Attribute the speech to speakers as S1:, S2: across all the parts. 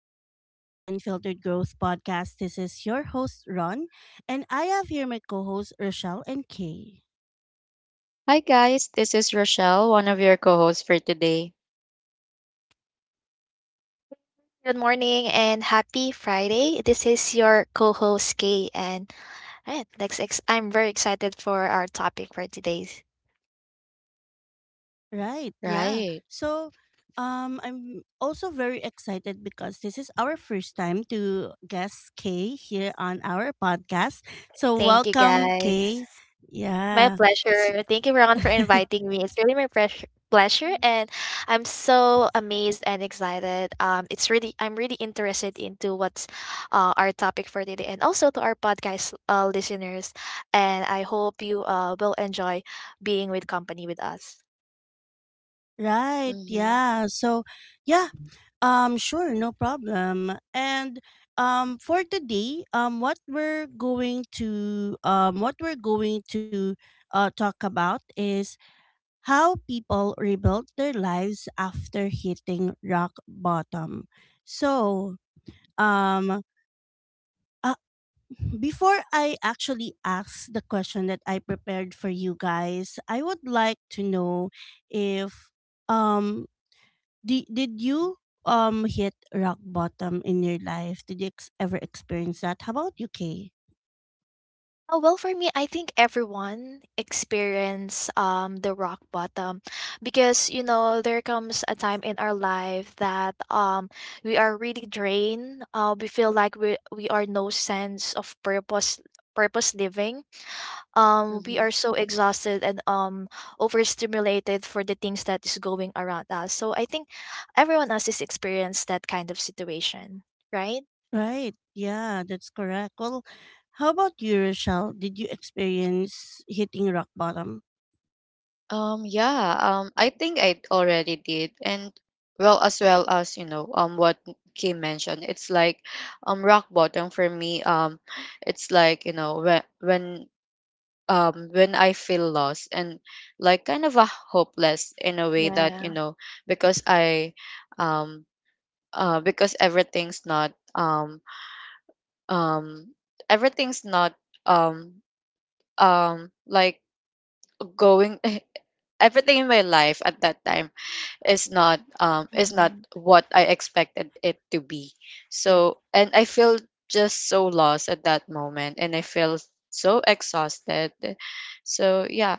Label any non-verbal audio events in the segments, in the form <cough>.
S1: everyone. Welcome to Unfiltered Growth Podcast. This is your host, Ron, and I have here my co hosts, Rochelle and Kay.
S2: Hi guys, this is Rochelle, one of your co-hosts for today.
S3: Good morning and happy Friday. This is your co-host Kay and alright, I'm very excited for our topic for today.
S1: Right, yeah.
S2: Right.
S1: I'm also very excited because this is our first time to guest Kay here on our podcast. So,
S3: Thank you
S1: welcome, Kay.
S3: guys. My
S1: Yeah.
S3: pleasure. Thank you
S1: S-
S3: Ron for
S1: <laughs>
S3: inviting me. It's really my pleasure and I'm so amazed and excited. It's really I'm really interested into what's our topic for today and also to our podcast listeners, and I hope you will enjoy being with company with us.
S1: right,
S2: Mhm.
S1: yeah. Yeah, sure, no problem. And For today, what we're going to talk about is how people rebuilt their lives after hitting rock bottom. So, um, uh, Before I actually ask the question that I prepared for you guys, I would like to know if um did you hit rock bottom in your life? Did you ever experience that? How about you, Kay?
S3: Oh, well, for me, I think everyone experience the rock bottom, because you know there comes a time in our life that we are really drained. We feel like we are no sense of purpose living. We
S2: Mhm.
S3: are so exhausted and overstimulated for the things that is going around us. So I think everyone else has experienced that kind of situation, right?
S1: Right. Yeah, that's correct. Well, how about you, Rochelle? Did you experience hitting rock bottom?
S2: Yeah, I think I already did. And well, as well as, what Kim mentioned. It's like rock bottom for me. It's like, when when I feel lost and like kind of a hopeless in a way that,
S3: Yeah.
S2: because I um because um everything's not um um like going <laughs> everything in my life at that time is not
S3: Mm-hmm.
S2: what I expected it to be.
S3: Yep.
S2: So and I feel just so lost at that moment, and I feel so exhausted. So yeah,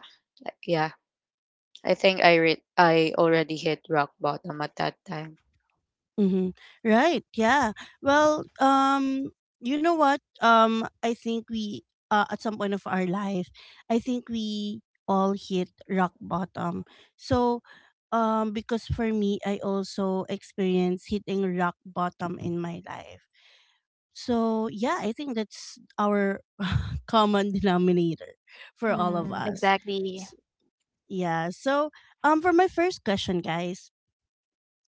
S2: yeah. I think I already hit rock bottom at that time.
S1: Mm-hmm. Right. Yeah. Well, um, you know what? I think we at some point of our life, I think we all hit rock bottom. So, because for me, I also experienced hitting rock bottom in my life. So yeah, I think that's our <laughs> common denominator for all of
S3: Mm-hmm.
S1: us.
S3: Exactly.
S1: S- Yeah. For my first question, guys,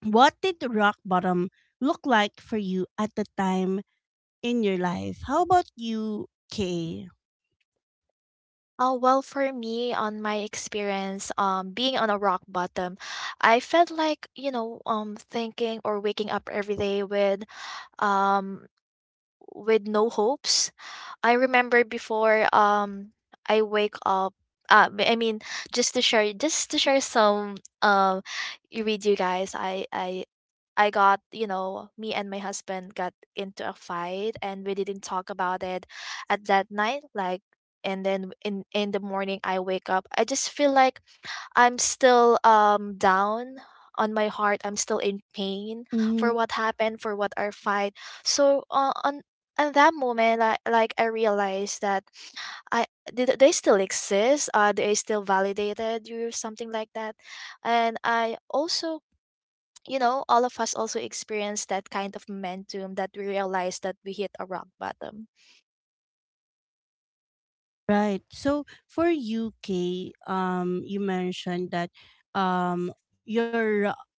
S1: what did rock bottom look like for you at the time in your life? How about you, Kay?
S3: Oh, well, for me, on my experience, being on a rock bottom, I felt like, you know, thinking or waking up every day um, with no hopes. I remember before I wake up, uh, I mean just to share some um with you guys, I got, you know, me and my husband got into a fight, and we didn't talk about it at that night, like, and then in the morning I wake up, I just feel like I'm still down on my heart. I'm still in pain for
S1: Mm-hmm.
S3: what happened, for what our fight. So on at that moment, I realized that I did they still exist. Are they still validated you something like that? And I also. You know, all of us also experience that kind of momentum that we realized that we hit a rock bottom.
S1: Right. So for you, Kay, you mentioned that your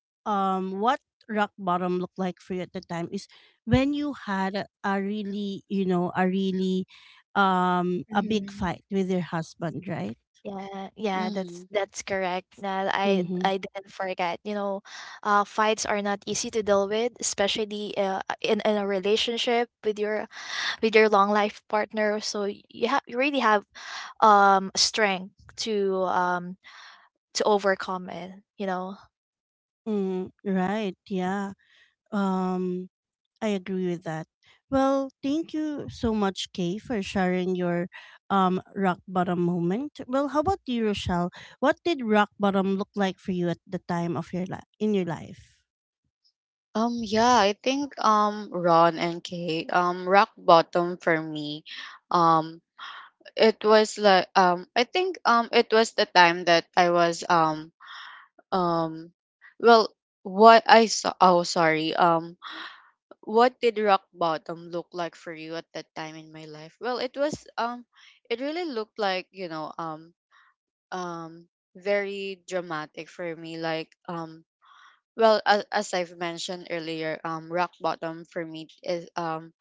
S1: what rock bottom looked like for you at the time is when you had a really, you know, a really a big
S3: Mhm.
S1: fight with your husband, right?
S3: Yeah, yeah,
S2: Hmm
S3: that's correct. That
S1: Mm-hmm.
S3: I didn't forget. You know, fights are not easy to deal with, especially in a relationship with your long life partner. So you have you really have strength to um to overcome it. You know,
S1: Mm, right. Yeah. Um. I agree with that. Well, thank you so much, Kay, for sharing your rock bottom moment. Well, how about you, Rochelle? What did rock bottom look like for you at the time of your life in your life?
S2: Yeah, I think, Ron and Kay, rock bottom for me. Um it was like, I think, it was the time that I was um well what I saw, oh sorry, what did rock bottom look like for you at that time in my life? Well, it was, it really looked like, um very dramatic for me, like, well, as I've mentioned earlier, rock bottom for me is,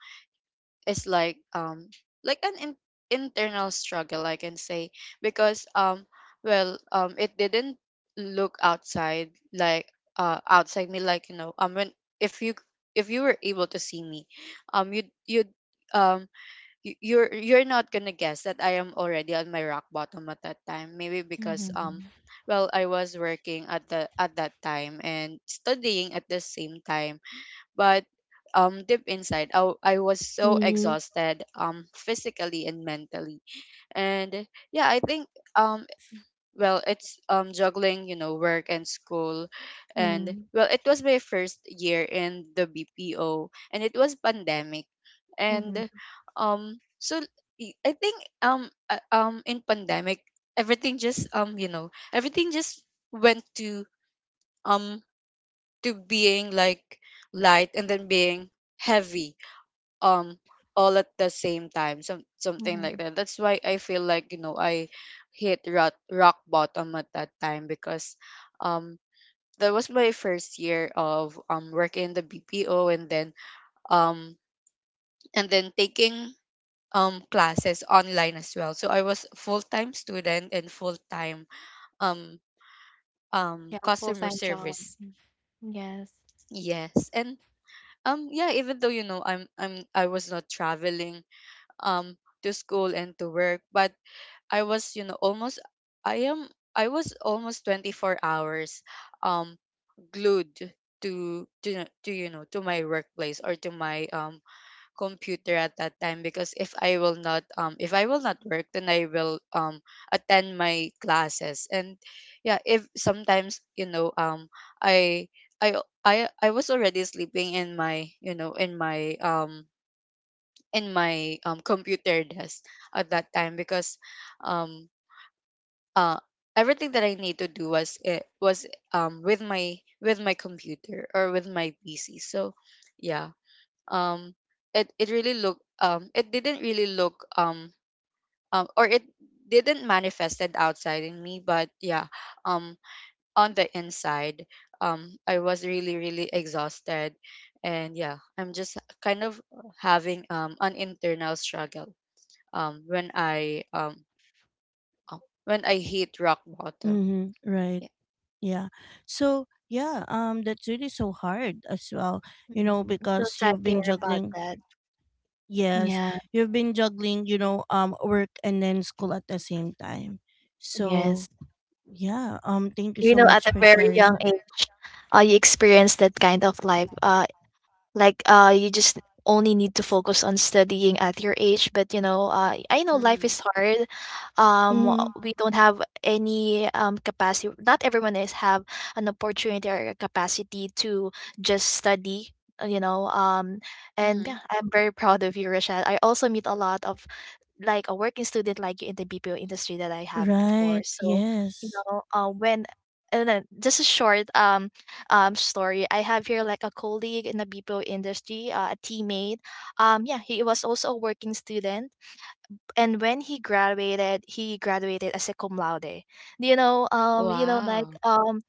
S2: is like, internal struggle, I can say, because, well, it didn't look outside like, outside me, like, when, if you, were able to see me, um you'd you'd um you're not gonna guess that I am already on my rock bottom at that time, maybe because,
S3: Mm-hmm.
S2: well, I was working at that time and studying at the same time. But, deep inside, I was so
S1: Mm-hmm.
S2: exhausted, physically and mentally. And yeah, I think, um well, it's, juggling, you know, work and school. And
S3: Mm-hmm.
S2: well, it was my first year in the BPO, and it was pandemic.
S3: Mm-hmm.
S2: And, so, I think, in pandemic, everything just, you know, everything just went to, um to being like light, and then being heavy, um all at the same time. Some something like
S3: Mm-hmm.
S2: that. That's why I feel like, you know, I hit rock bottom at that time, because, um that was my first year of, working in the BPO, and then, um and then taking, classes online as well. So I was full-time student and full-time, um
S3: Yeah. Full
S2: customer
S3: time job.
S2: service.
S3: Mhm. Yes.
S2: Yes. And yeah, even though, you know, I was not traveling, um to school and to work, but I was, you know, almost, I am I was almost 24 hours, um glued to you know to my workplace, or to my, computer at that time, because if I will not, if I will not work, then I will, attend my classes. And yeah, if sometimes, you know, I I I was already sleeping in my, you know, in my, in my, computer desk at that time, because, um uh everything that I need to do was, it was, with my, computer, or with my PC. So yeah, um it it really look, it didn't really look, or it didn't manifested outside in me. But yeah, um on the inside, I was really, really exhausted. And yeah, I'm just kind of having, an internal struggle, when I, uh, when I hit rock bottom.
S1: Mm-hmm. Right.
S2: Yeah.
S1: Yeah. So yeah, that's really so hard as well, you know,
S3: Mhm. So
S1: because
S3: sad to hear about that.
S1: yes,
S3: Yeah.
S1: you've been juggling, you know, work and then school at the same time. So
S3: Yes.
S1: yeah, thank you
S3: You
S1: so
S3: know,
S1: much
S3: at a
S1: for
S3: very
S1: sharing.
S3: young
S2: hmm
S3: age, you experience that kind of life. Like you just only need to focus on studying at your age. But you know, I know life
S2: Mhm,
S3: is hard.
S1: Mm-hmm.
S3: We don't have any capacity. Not everyone is have an opportunity or a capacity to just study. Uh, you know, and
S2: mhm.
S3: yeah, I'm very proud of you, Rachel. I also meet a lot of like a working student like you in the BPO industry that I have before.
S1: Right.
S3: So, you
S1: Yes.
S3: know, when and then just a short story. I have here like a colleague in the BPO industry, a teammate. Yeah, he was also a working student, and when he graduated as a cum laude. You know, like
S2: Wow.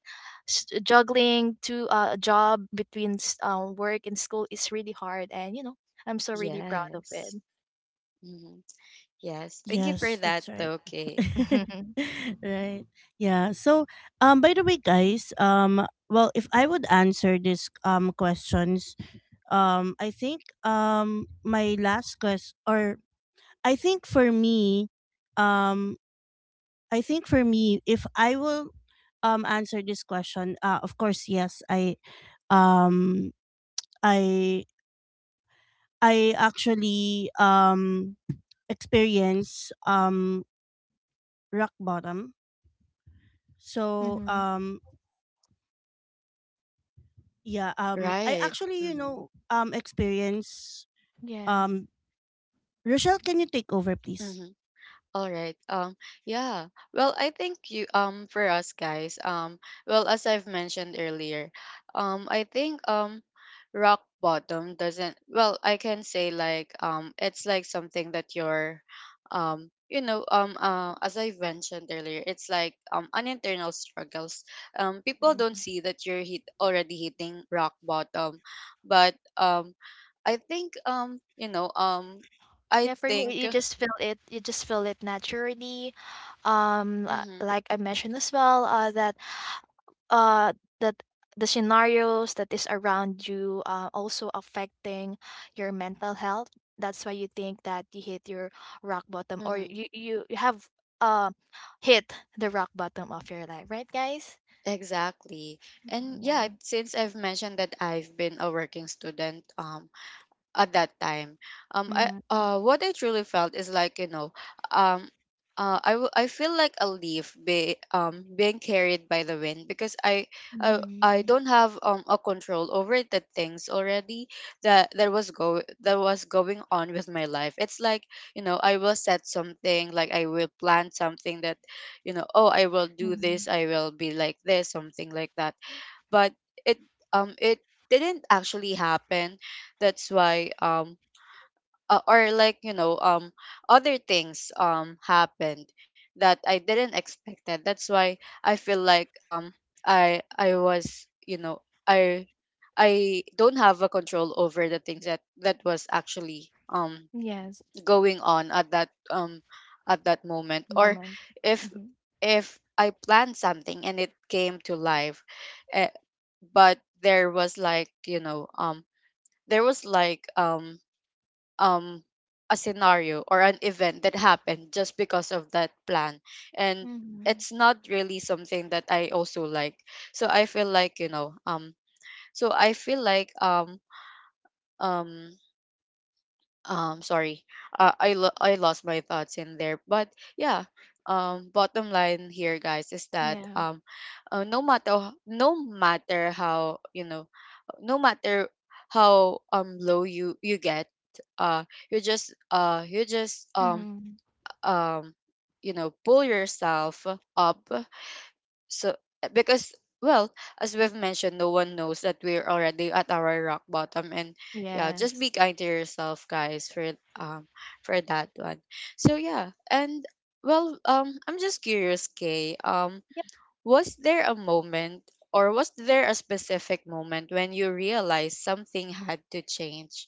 S3: juggling to a job between work and school is really hard, and you know, I'm so really proud of it.
S2: Yes. Mhm. Yes. Thank you for
S1: Yes,
S2: that,
S1: that's right.
S2: though, Kay.
S1: <laughs>
S3: <laughs>
S1: right. Yeah. By the way, guys, if I would answer these questions, I think my last quest or I think for me, um I think for me if I will answer this question, of course, yes, um I I actually experience rock bottom. So
S3: Mm-hmm.
S1: um yeah, I
S2: Right.
S1: actually, you
S2: Mhm,
S1: know, experience
S3: Yes.
S1: um Rochelle, can you take over please?
S2: mhm. All right. Yeah. Well, I think, you for us guys, well, as I've mentioned earlier, I think, rock bottom doesn't, well, I can say like, it's like something that you're, you know, as I've mentioned earlier, it's like, an internal struggles. People don't
S3: Mhm.
S2: see that you're hit already hitting rock bottom, but, I think, you know, I
S3: Yeah, for
S2: think,
S3: me, you just feel it. You just feel it naturally.
S2: mhm,
S3: Like I mentioned as well, uh, that the scenarios that is around you also affecting your mental health. That's why you think that you hit your rock bottom, or
S2: mhm.
S3: you have uh hit the rock bottom of your life, right, guys?
S2: Exactly. And yeah,
S3: Yeah.
S2: since I've mentioned that I've been a working student, at that time, I,
S3: Mhm,
S2: what I truly felt is like, you know, um I feel like a leaf being carried by the wind, because I
S3: mhm,
S2: don't have, a control over the things already, that was going on with my life. It's like, you know, I will set something, like I will plan something that, you know, oh, I will do
S3: mhm.
S2: this, I will be like this, something like that. But it, it didn't actually happen. That's why, or like, you know, other things, happened that I didn't expect that. That's why I feel like, I was, you know, I I don't have a control over the things that that was actually,
S3: Yes,
S2: going on at that, at that moment, or
S3: moment.
S2: if
S3: Mhm.
S2: if I planned something and it came to life, eh, but there was like, you know, there was like um a scenario or an event that happened just because of that plan. And
S3: Mhm.
S2: it's not really something that I also like. So I feel like, you know, so I feel like um sorry, I lost my thoughts in there. But yeah, bottom line here, guys, is that,
S3: Yeah.
S2: no matter how, you know, no matter how, low you get, uh you just,
S3: Mhm.
S2: um you know, pull yourself up. So eh, because, well, as we've mentioned, no one knows that we're already at our rock bottom. And yeah, just
S3: Yes.
S2: be kind to yourself, guys, for, um for that one. So yeah. And well, I'm just curious, Kay.
S3: Yep.
S2: Was there a moment, or was there a specific moment when you realized something had to change?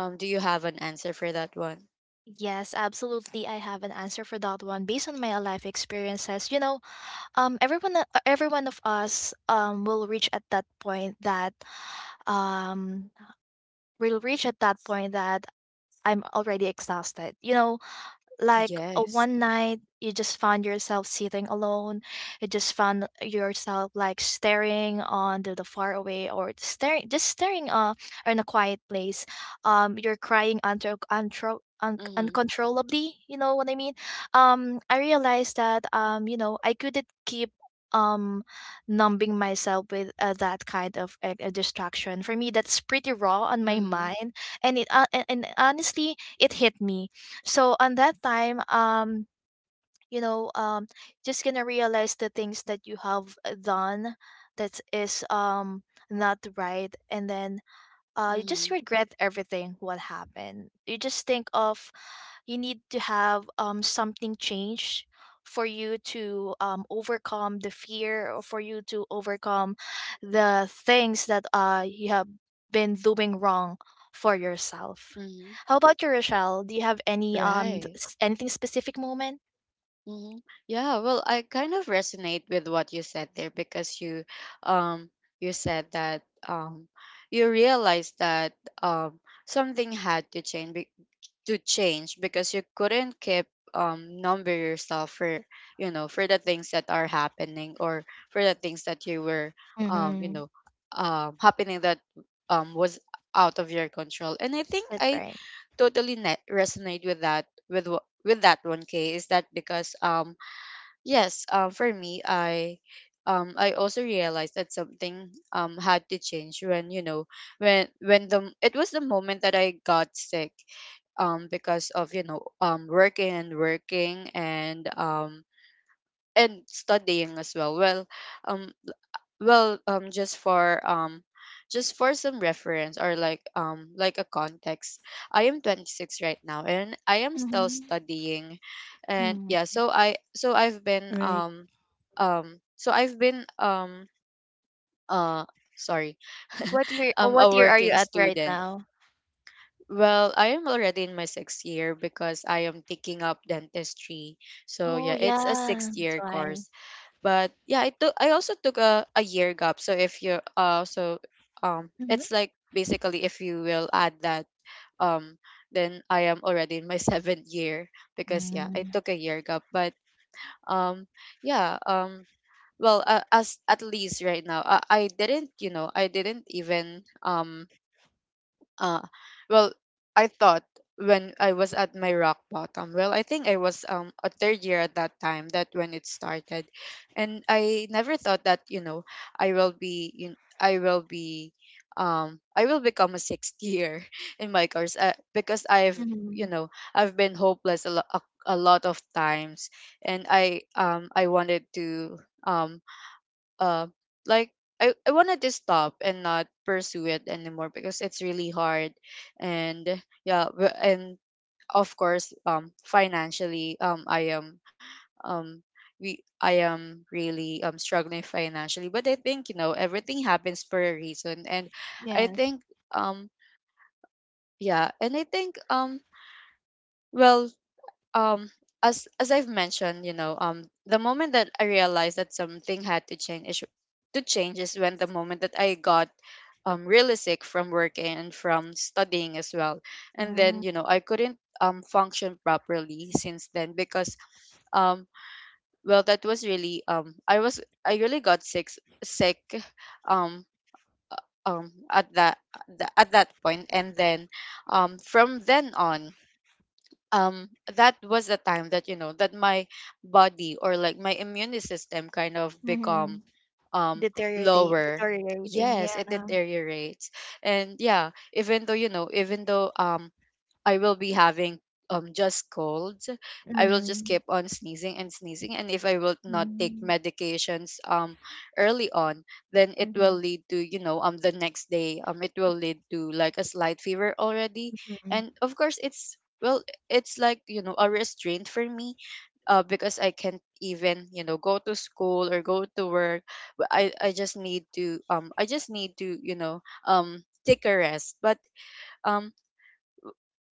S2: Do you have an answer for that one?
S3: Yes, absolutely. I have an answer for that one based on my life experiences. You know, everyone, every one of us, will reach at that point that, um, will reach at that point that I'm already exhausted. You know, like
S2: Yes.
S3: one night you just found yourself sitting alone, you just found yourself like staring on to the far away or staring in a quiet place. Um, you're crying
S2: Mm-hmm.
S3: uncontrollably, you know what I mean. Um, I realized that you know I couldn't keep um numbing myself with that kind of distraction for me. That's pretty raw on my
S2: Mm-hmm.
S3: mind, and and honestly it hit me. So on that time, um, you know, um, just gonna realize the things that you have done that is not right, and then you just
S2: Mm-hmm.
S3: regret everything what happened. You just think of you need to have something change for you to overcome the fear, or for you to overcome the things that you have been doing wrong for yourself.
S2: Mm-hmm.
S3: How about you, Rochelle? Do you have any
S2: Right.
S3: anything specific moment?
S2: hmm Yeah, well, I kind of resonate with what you said there, because you, um, you said that, um, you realized that, um, something had to change to change, because you couldn't keep, number yourself for, you know, for the things that are happening, or for the things that you were, you
S3: Mm-hmm.
S2: know, happening that, was out of your control. And I think
S3: That's
S2: I
S3: right.
S2: totally resonate with that, with that one, K. Is that because, yes, for me, I, I also realized that something, had to change when, you know, when the it was the moment that I got sick, because of, you know, working and working, and, and studying as well. Well, um well, just for, just for some reference, or like, like a context, I am 26 right now, and I am still
S3: Hmm.
S2: studying. And
S3: Mm.
S2: yeah, so I
S1: Right,
S2: so I've been uh sorry <laughs>
S3: What year? What
S2: a
S3: year are you
S2: working
S3: at right
S2: student.
S3: now?
S2: Well, I am already in my sixth year, because I am taking up dentistry. So
S3: Oh
S2: yeah, it's a
S3: yeah,
S2: sixth
S3: that's
S2: year
S3: why.
S2: course. But yeah, I took, I also took a year gap. So if you're, uh, so,
S3: Hmm.
S2: it's like, basically, if you will add that, um then I am already in my <laughs> seventh year, because yeah, I
S3: Mm.
S2: took a year gap. But, um yeah, well, as at least right now, I didn't, you know, I didn't even, uh, well, I thought, when I was at my rock bottom, well, I think I was, a third year at that time, that when it started. And I never thought that, you know, I will be, I will become a sixth year <laughs> in my course, because I've, you
S3: Mhm.
S2: know, I've been hopeless a lot of times. And I, I wanted to, um uh, like I wanted to stop and not pursue it anymore, because it's really hard. And yeah, and of course, financially, I am, um we I am really, struggling financially. But I think, you know, everything happens for a reason. And I
S3: Yes.
S2: think, um yeah. And I think, well, um as I've mentioned, you know, the moment that I realized that something had to change is when the moment that I got, really sick from working and from studying as well. And then,
S3: Yeah.
S2: you know, I couldn't function properly since then. Because um well that was really I was I really got sick um at that point. And then from then on, um that was the time that, you know, that my body or like my immune system kind of become
S3: Mhm.
S2: um
S3: Deteriorate
S2: lower.
S3: deteriorating,
S2: Yes, it
S3: yeah.
S2: deteriorates. And yeah, even though, you know, even though, I will be having just colds. I will just
S3: Mhm.
S2: keep on sneezing and sneezing, and if I will not take
S3: Mhm.
S2: medications early on, then it will
S3: Mhm.
S2: lead to, you know, the next day it will lead to like a slight fever already.
S3: Mhm.
S2: And of course it's, well, it's like, you know, a restraint for me, because I can't even, you know, go to school or go to work. But I just need to you know take a rest. But um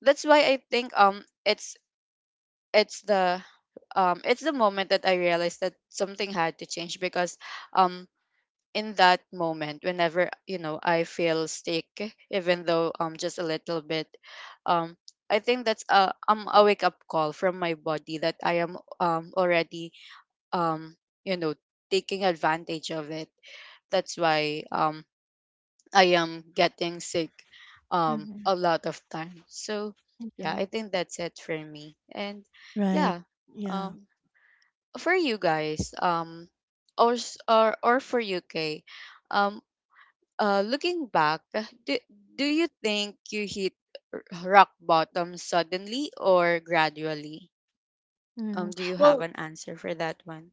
S2: that's why I think it's the it's the moment that I realized that something had to change, because um in that moment, whenever, you know, I feel sick, even though just a little bit, um I think that's a wake up call from my body that I am already, um you know, taking advantage of it. That's why I am getting sick
S3: Mhm.
S2: a lot of times. So
S3: Yeah.
S2: yeah, I think that's it for me. And
S1: right.
S2: yeah,
S1: Yeah.
S2: um for you guys, or s- or for UK, um looking back, do you think you hit rock bottom suddenly or gradually?
S3: Mhm.
S2: Do you have
S3: Well,
S2: an answer for that one?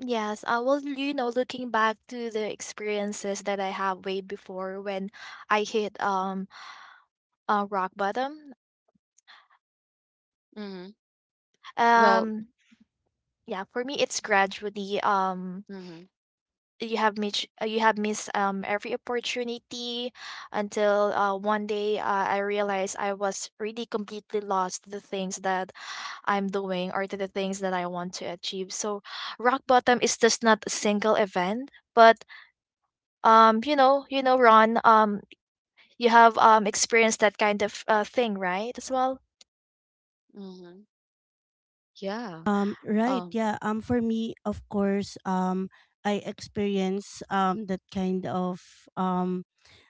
S3: yes, well, you know, looking back to the experiences that I have way before when I hit rock bottom,
S2: Mhm. Well,
S3: um, yeah, for me it's gradually. Um,
S2: mhm.
S3: you have missed every opportunity until one day I realized I was really completely lost to the things that I'm doing or to the things that I want to achieve. So rock bottom is just not a single event, but you know, you know, Ron, um, you have experienced that kind of thing, right, as well.
S2: Mhm. Yeah.
S1: Right,
S2: Um
S1: yeah. For me, of course, I experience that kind of um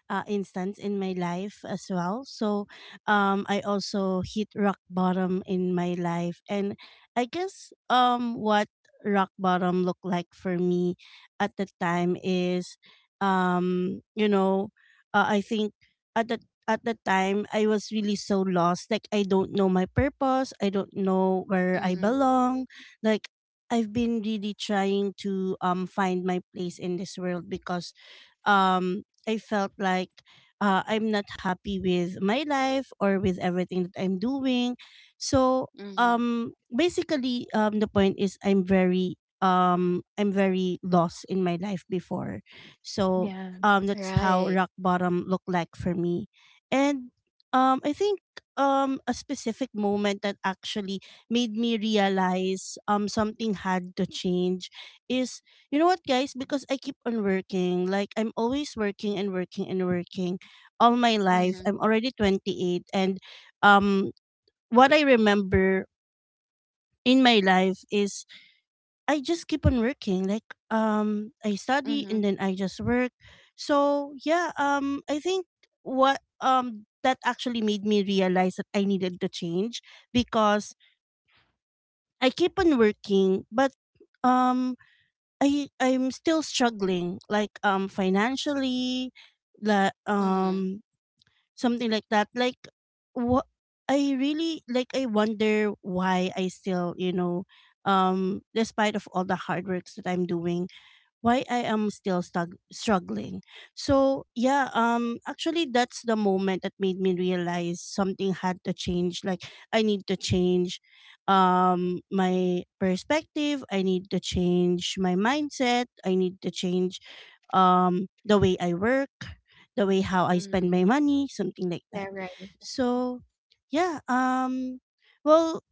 S1: instance in my life as well. I also hit rock bottom in my life. And I guess what rock bottom looked like for me at the time is, you know, I think at the at the time I was really so lost. Like I don't know my purpose. I don't know where I
S2: mhm.
S1: belong. Like I've been really trying to find my place in this world because I felt like I'm not happy with my life or with everything that I'm doing. So
S2: Mhm.
S1: basically The point is I'm very lost in my life before. So
S3: Yeah,
S1: that's how
S2: Right.
S1: rock bottom looked like for me. And I think a specific moment that actually made me realize something had to change is you know what, guys? Because I keep on working, like I'm always working and working and working all my life.
S2: Mm-hmm.
S1: I'm already 28, and um what I remember in my life is I just keep on working. I study and
S2: Mhm,
S1: then I just work. So, yeah, I think what that actually made me realize that I needed to change because I keep on working, but um I'm still struggling like financially, like
S2: mhm,
S1: um something like that. Like, what I really like, I wonder why I still, you know, despite of all the hard works that I'm doing, why I am struggling. So yeah, actually, that's the moment that made me realize something had to change. Like, I need to change, my perspective. I need to change my mindset. I need to change, the way I work the way how I spend
S2: mhm,
S1: my money, something like
S3: yeah,
S1: that.
S3: right.
S1: So, yeah, well,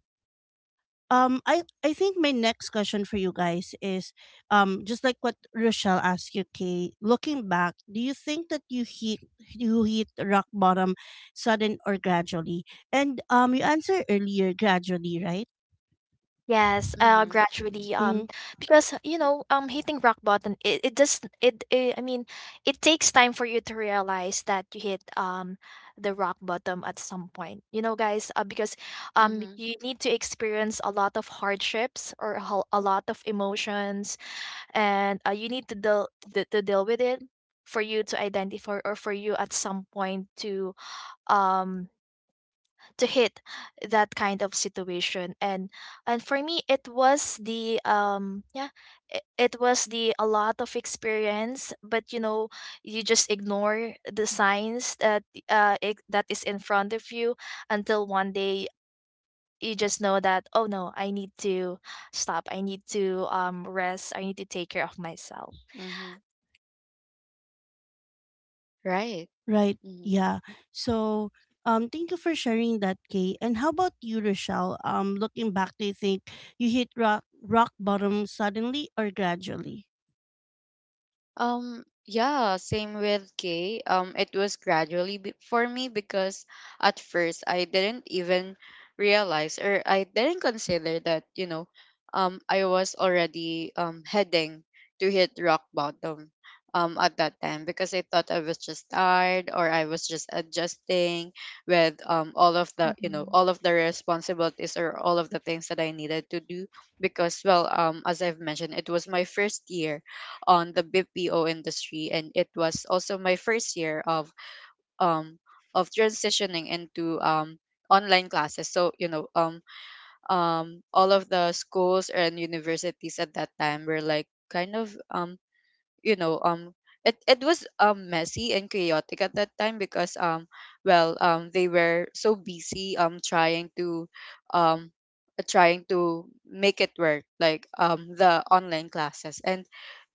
S1: I think my next question for you guys is just like what Rochelle asked you, Kay, looking back, do you think that you hit rock bottom sudden or gradually? And you answered earlier gradually, right?
S3: Yes,
S2: mhm,
S3: gradually,
S1: Mm-hmm.
S3: because you know, hitting rock bottom, it does it, it. I mean, it takes time for you to realize that you hit the rock bottom at some point. You know, guys, because
S2: mhm,
S3: you need to experience a lot of hardships or a lot of emotions, and you need to to deal with it for you to identify, or for you at some point um to hit that kind of situation. And for me it was the yeah, it was the a lot of experience, but you know, you just ignore the signs that that is in front of you until one day you just know that, oh no, I need to stop, I need to rest, I need to take care of myself.
S2: mhm, right.
S1: Right.
S2: Mhm.
S1: Yeah. So, thank you for sharing that, Kay. And how about you, Rochelle? Looking back, do you think you hit rock bottom suddenly or gradually?
S2: Yeah, same with K. It was gradually for me, because at first I didn't even realize, or I didn't consider that, you know, I was already heading to hit rock bottom at that time, because I thought I was just tired, or I was just adjusting with all of the, you know,
S3: Mhm.
S2: all of the responsibilities or all of the things that I needed to do, because well, as I've mentioned, it was my first year on the BPO industry, and it was also my first year um of transitioning into online classes. So, you know, all of the schools and universities at that time were like kind of you know it, it was messy and chaotic at that time, because well they were so busy um trying to make it work, like the online classes. And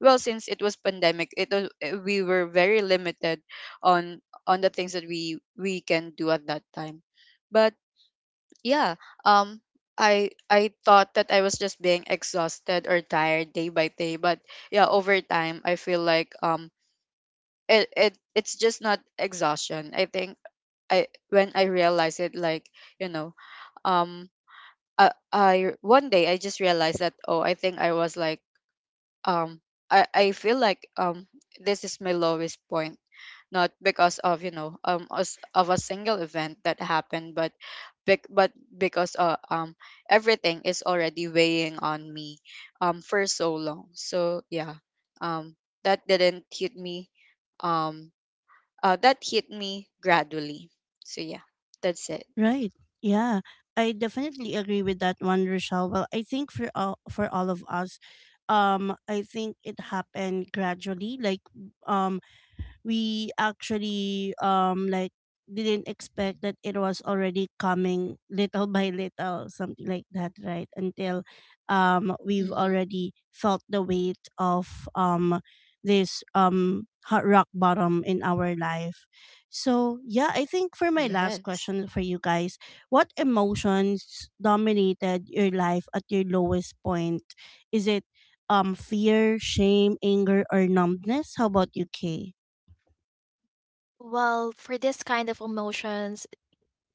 S2: well, since it was pandemic, it was, we were very limited on on the things that we can do at that time. But yeah, um I thought that I was just being exhausted or tired day by day, but yeah, over time I feel like it, it it's just not exhaustion. I think I when I realized it, like, you know, um I, one day I just realized that, oh, I think I was like um I feel like this is my lowest point, not because of, you know, us of a single event that happened, but but because everything is already weighing on me for so long. So yeah, um that didn't hit me, um that hit me gradually. So yeah, that's it.
S1: Right. Yeah. I definitely agree with that one, Rochelle. Well, I think for all of us, I think it happened gradually. Like, um, we actually didn't expect that it was already coming little <laughs> by little something like that right until we've
S2: Mm-hmm.
S1: already felt the weight of this hard rock bottom in our life. So yeah, I think for my last
S2: Yes,
S1: question for you guys, what emotions dominated your life at your lowest point? Is it fear, shame, anger, or numbness? How about you, Kay?
S3: Well, for this kind of emotions,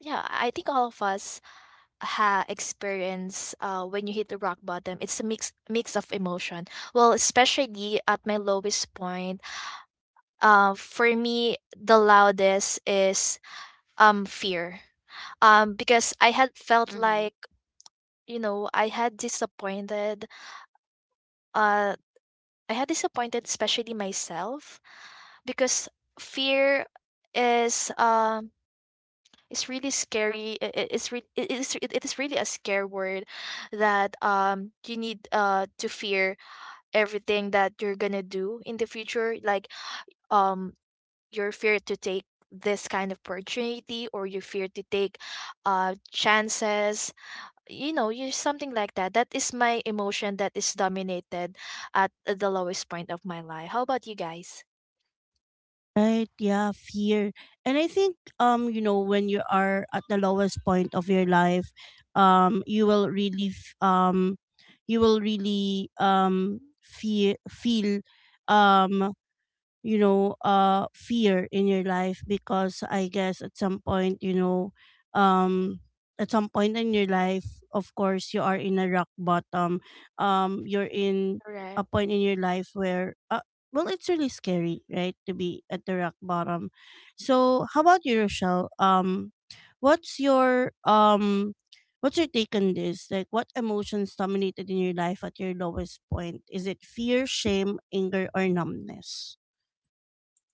S3: yeah, I think all of us ha experience when you hit the rock bottom. It's a mix of emotion. Well, especially at my lowest point, for me the loudest is fear. Um, because I had felt
S2: mm-hmm.
S3: like, you know, I had disappointed uh I had disappointed, especially myself, because fear is um is really scary. It's it is really a scare word that you need to fear everything that you're gonna do in the future. Like um your fear to take this kind of opportunity, or your fear to take chances, you know, you something like that. That is my emotion that is dominated at the lowest point of my life. How about you guys?
S1: Right, yeah, fear. And I think you know, when you are at the lowest point of your life, um you will really f- um you will really feel um you know, fear in your life, because I guess at some point, you know, um at some point in your life, of course, you are in a rock bottom, you're in
S3: Correct.
S1: a point in your life where well, it's really scary, right, to be at the rock bottom. So how about you, Rochelle? What's your what's your take on this? Like, what emotions dominated in your life at your lowest point? Is it fear, shame, anger, or numbness?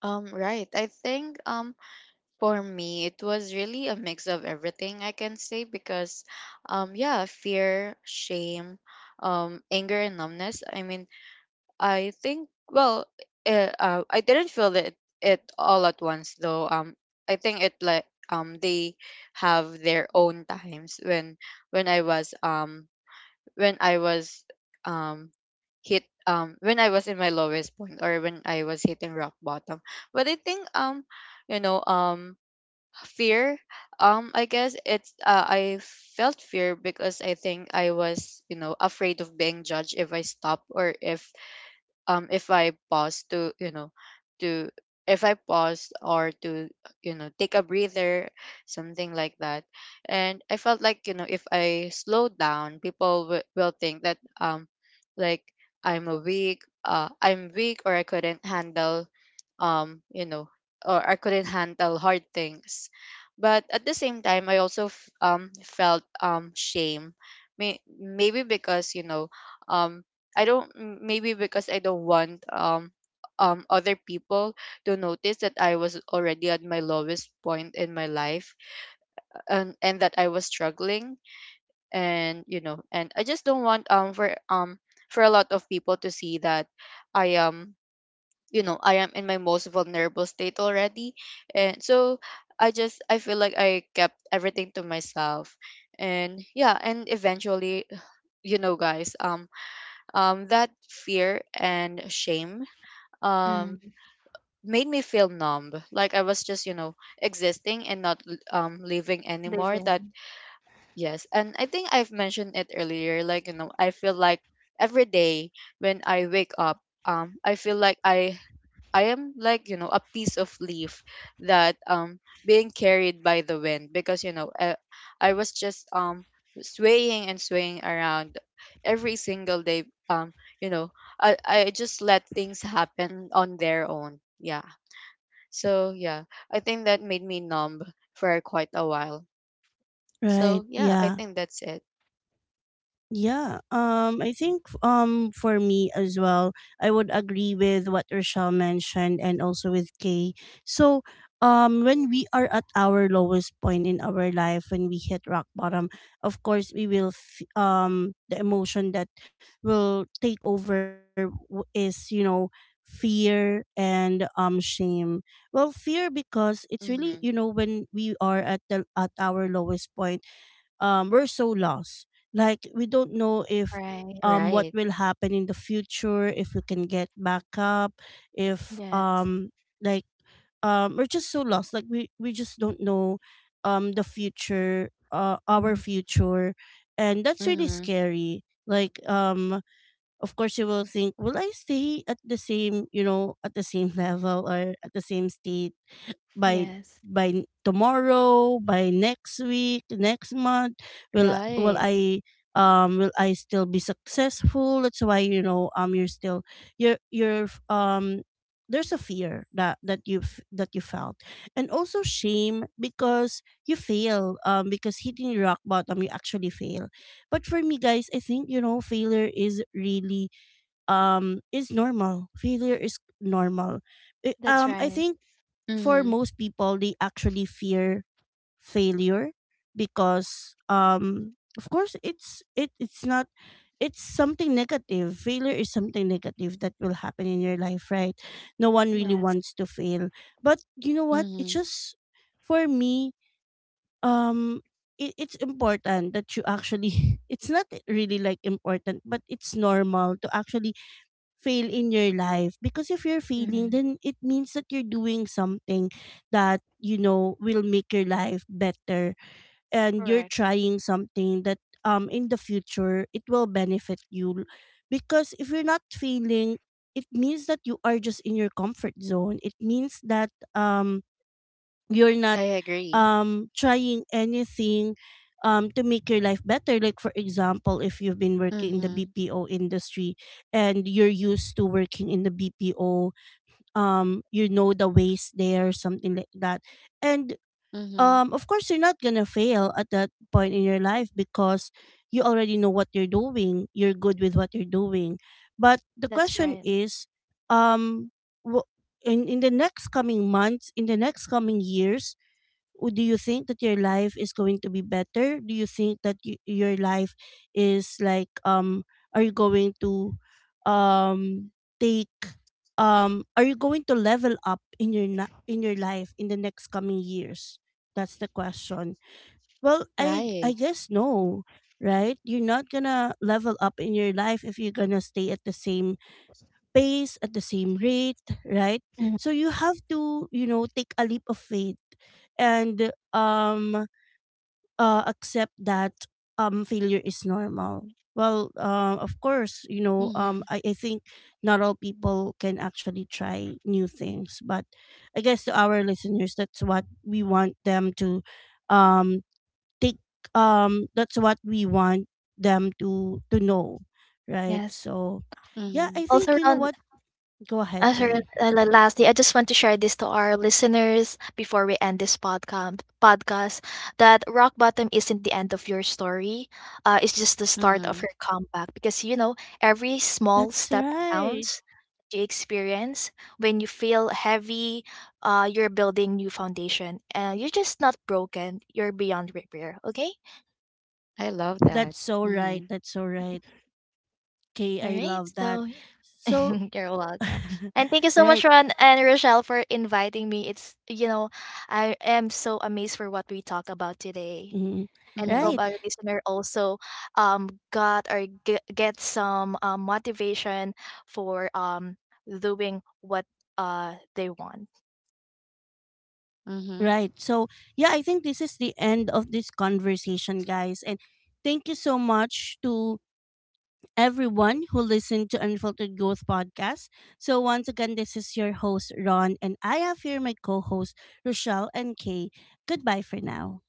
S2: Um, right. I think, um, for me it was really a mix of everything, I can say, because, yeah, fear, shame, anger, and numbness. I mean, I think, well, I didn't feel it all at once though. I think it like they have their own times when when I was um when I was um hit when I was in my lowest point, or when I was hitting rock bottom. But I think you know fear, I guess it's, I felt fear because I think I was, you know, afraid of being judged if I stop, or if I pause to, you know, to if I pause, or to, you know, take a breather, something like that. And I felt like, you know, if I slow down, people will think that like I'm a weak I'm weak, or I couldn't handle you know, or I couldn't handle hard things. But at the same time, I also felt shame. May- maybe because, you know, um I don't maybe because I don't want other people to notice that I was already at my lowest point in my life, and that I was struggling. And you know, and I just don't want for a lot of people to see that I am, you know, I am in my most vulnerable state already. And so I just, I feel like I kept everything to myself. And yeah, and eventually, you know guys, that fear and shame, um,
S3: Mm,
S2: made me feel numb, like I was just, you know, existing and not living anymore. That
S3: living.
S2: yes, and I think I've mentioned it earlier, like, you know, I feel like every day when I wake up, I feel like I am like, you know, a piece of leaf that being carried by the wind, because you know, I was just swaying and swaying around every single day, um you know, I just let things happen on their own. Yeah. So yeah, I think that made me numb for quite a while.
S1: Right.
S2: So yeah, I
S1: Yeah.
S2: think that's it.
S1: Yeah. I think for me as well, I would agree with what Rochelle mentioned and also with Kay. So when we are at our lowest point in our life, when we hit rock bottom, of course we will the emotion that will is, you know, fear and shame. Well, fear, because it's really,
S2: Mhm.
S1: you know, when we are at the at our lowest point, we're so lost. Like we don't know if
S3: Right.
S1: what
S2: Right.
S1: will happen in the future, if we can get back up, if
S3: Yes.
S1: like we're just so lost. Like we just don't know the future, our
S3: Hmm.
S1: future, and that's really
S2: Mhm.
S1: scary. Like of course you will think, will I stay at the same, you know, at the same <laughs> level or at the same state? by
S3: Yes.
S1: by tomorrow, by next week, next month, will will
S2: Right.
S1: I will I still be successful? That's why you know you're still you're there's a fear that you that you felt. And also shame, because you fail, because hitting rock bottom you actually fail. But for me, guys, I think you know failure is really is normal. Failure is normal I-
S3: That's
S1: I
S3: right.
S1: think for
S2: Mhm.
S1: most people they actually fear failure because of course it's not, it's something negative. Failure is something negative that will happen in your life, right? No one really
S3: Yes.
S1: wants to fail. But you know what? It's
S2: Mhm.
S1: just For me, um it, it's important that you actually <laughs> it's not really like important, but it's normal to actually fail in your life, because if you're failing
S3: Hmm.
S1: then it means that you're doing something that you know will make your life better, and you're
S3: Correct.
S1: trying something that in the future it will benefit you. Because if you're not failing, it means that you are just in your comfort zone. It means that you're not
S2: I agree.
S1: trying anything to make your life better. Like for example, if you've been working in the
S2: Mhm.
S1: BPO industry and you're used to working in the BPO, you know the ways there, something like that. And
S2: Mhm.
S1: Of course you're not going to fail at that point in your life, because you already know what you're doing, you're good with what you're doing. But the
S3: That's
S1: question
S3: right.
S1: is um wh- in the next coming months, in the next coming years, do you think that your life is going to be better? Do you think that your life is like are you going to um take are you going to level up in your in your life in the next coming years? That's the question. Well, I
S2: Right.
S1: guess no, right? You're not going to level up in your life if you're going to stay at the same pace, at the same rate, right? So
S3: Hmm.
S1: you have to, you know, take a leap of faith and accept that failure is normal. Well, of course, you know,
S2: Mhm.
S1: I think not all people can actually try new things, but I guess to our listeners, that's what we want them to um take that's what we want them to know, right?
S3: Yes.
S1: So yeah,
S2: Mhm.
S1: I
S3: Also
S1: think you know
S3: around.
S1: what, go ahead,
S3: As for
S1: Kay.
S3: lastly, I just want to share this to our listeners before we end this podcast. Podcast that rock bottom isn't the end of your story. It's just the start of
S2: Mhm.
S3: your comeback, because you know every small
S1: That's
S3: step
S1: right.
S3: counts. You experience when you feel heavy, you're building new foundation, and you're just not broken. You're beyond repair. Okay.
S2: I love that.
S1: That's so right.
S2: Mhm.
S1: That's so right. Kay,
S3: All
S1: I
S3: right.
S1: love that.
S3: So <laughs>
S1: So,
S3: yeah. You're welcome.
S1: <laughs>
S3: And thank you so much,
S1: right.
S3: Ron and Rochelle, for inviting me. It's you know, I am so amazed for what we talk about today.
S1: Mhm.
S3: And I hope
S1: Right.
S2: Mhm.
S3: our listener also got or get some motivation for doing what they want.
S2: Mhm.
S1: Right. So, yeah, I think this is the end of this conversation, guys. And thank you so much to everyone who listened to Unfiltered Growth Podcast. So, once again, this is your host, Ron, and I have here my co host, Rochelle and Kay. Goodbye for now.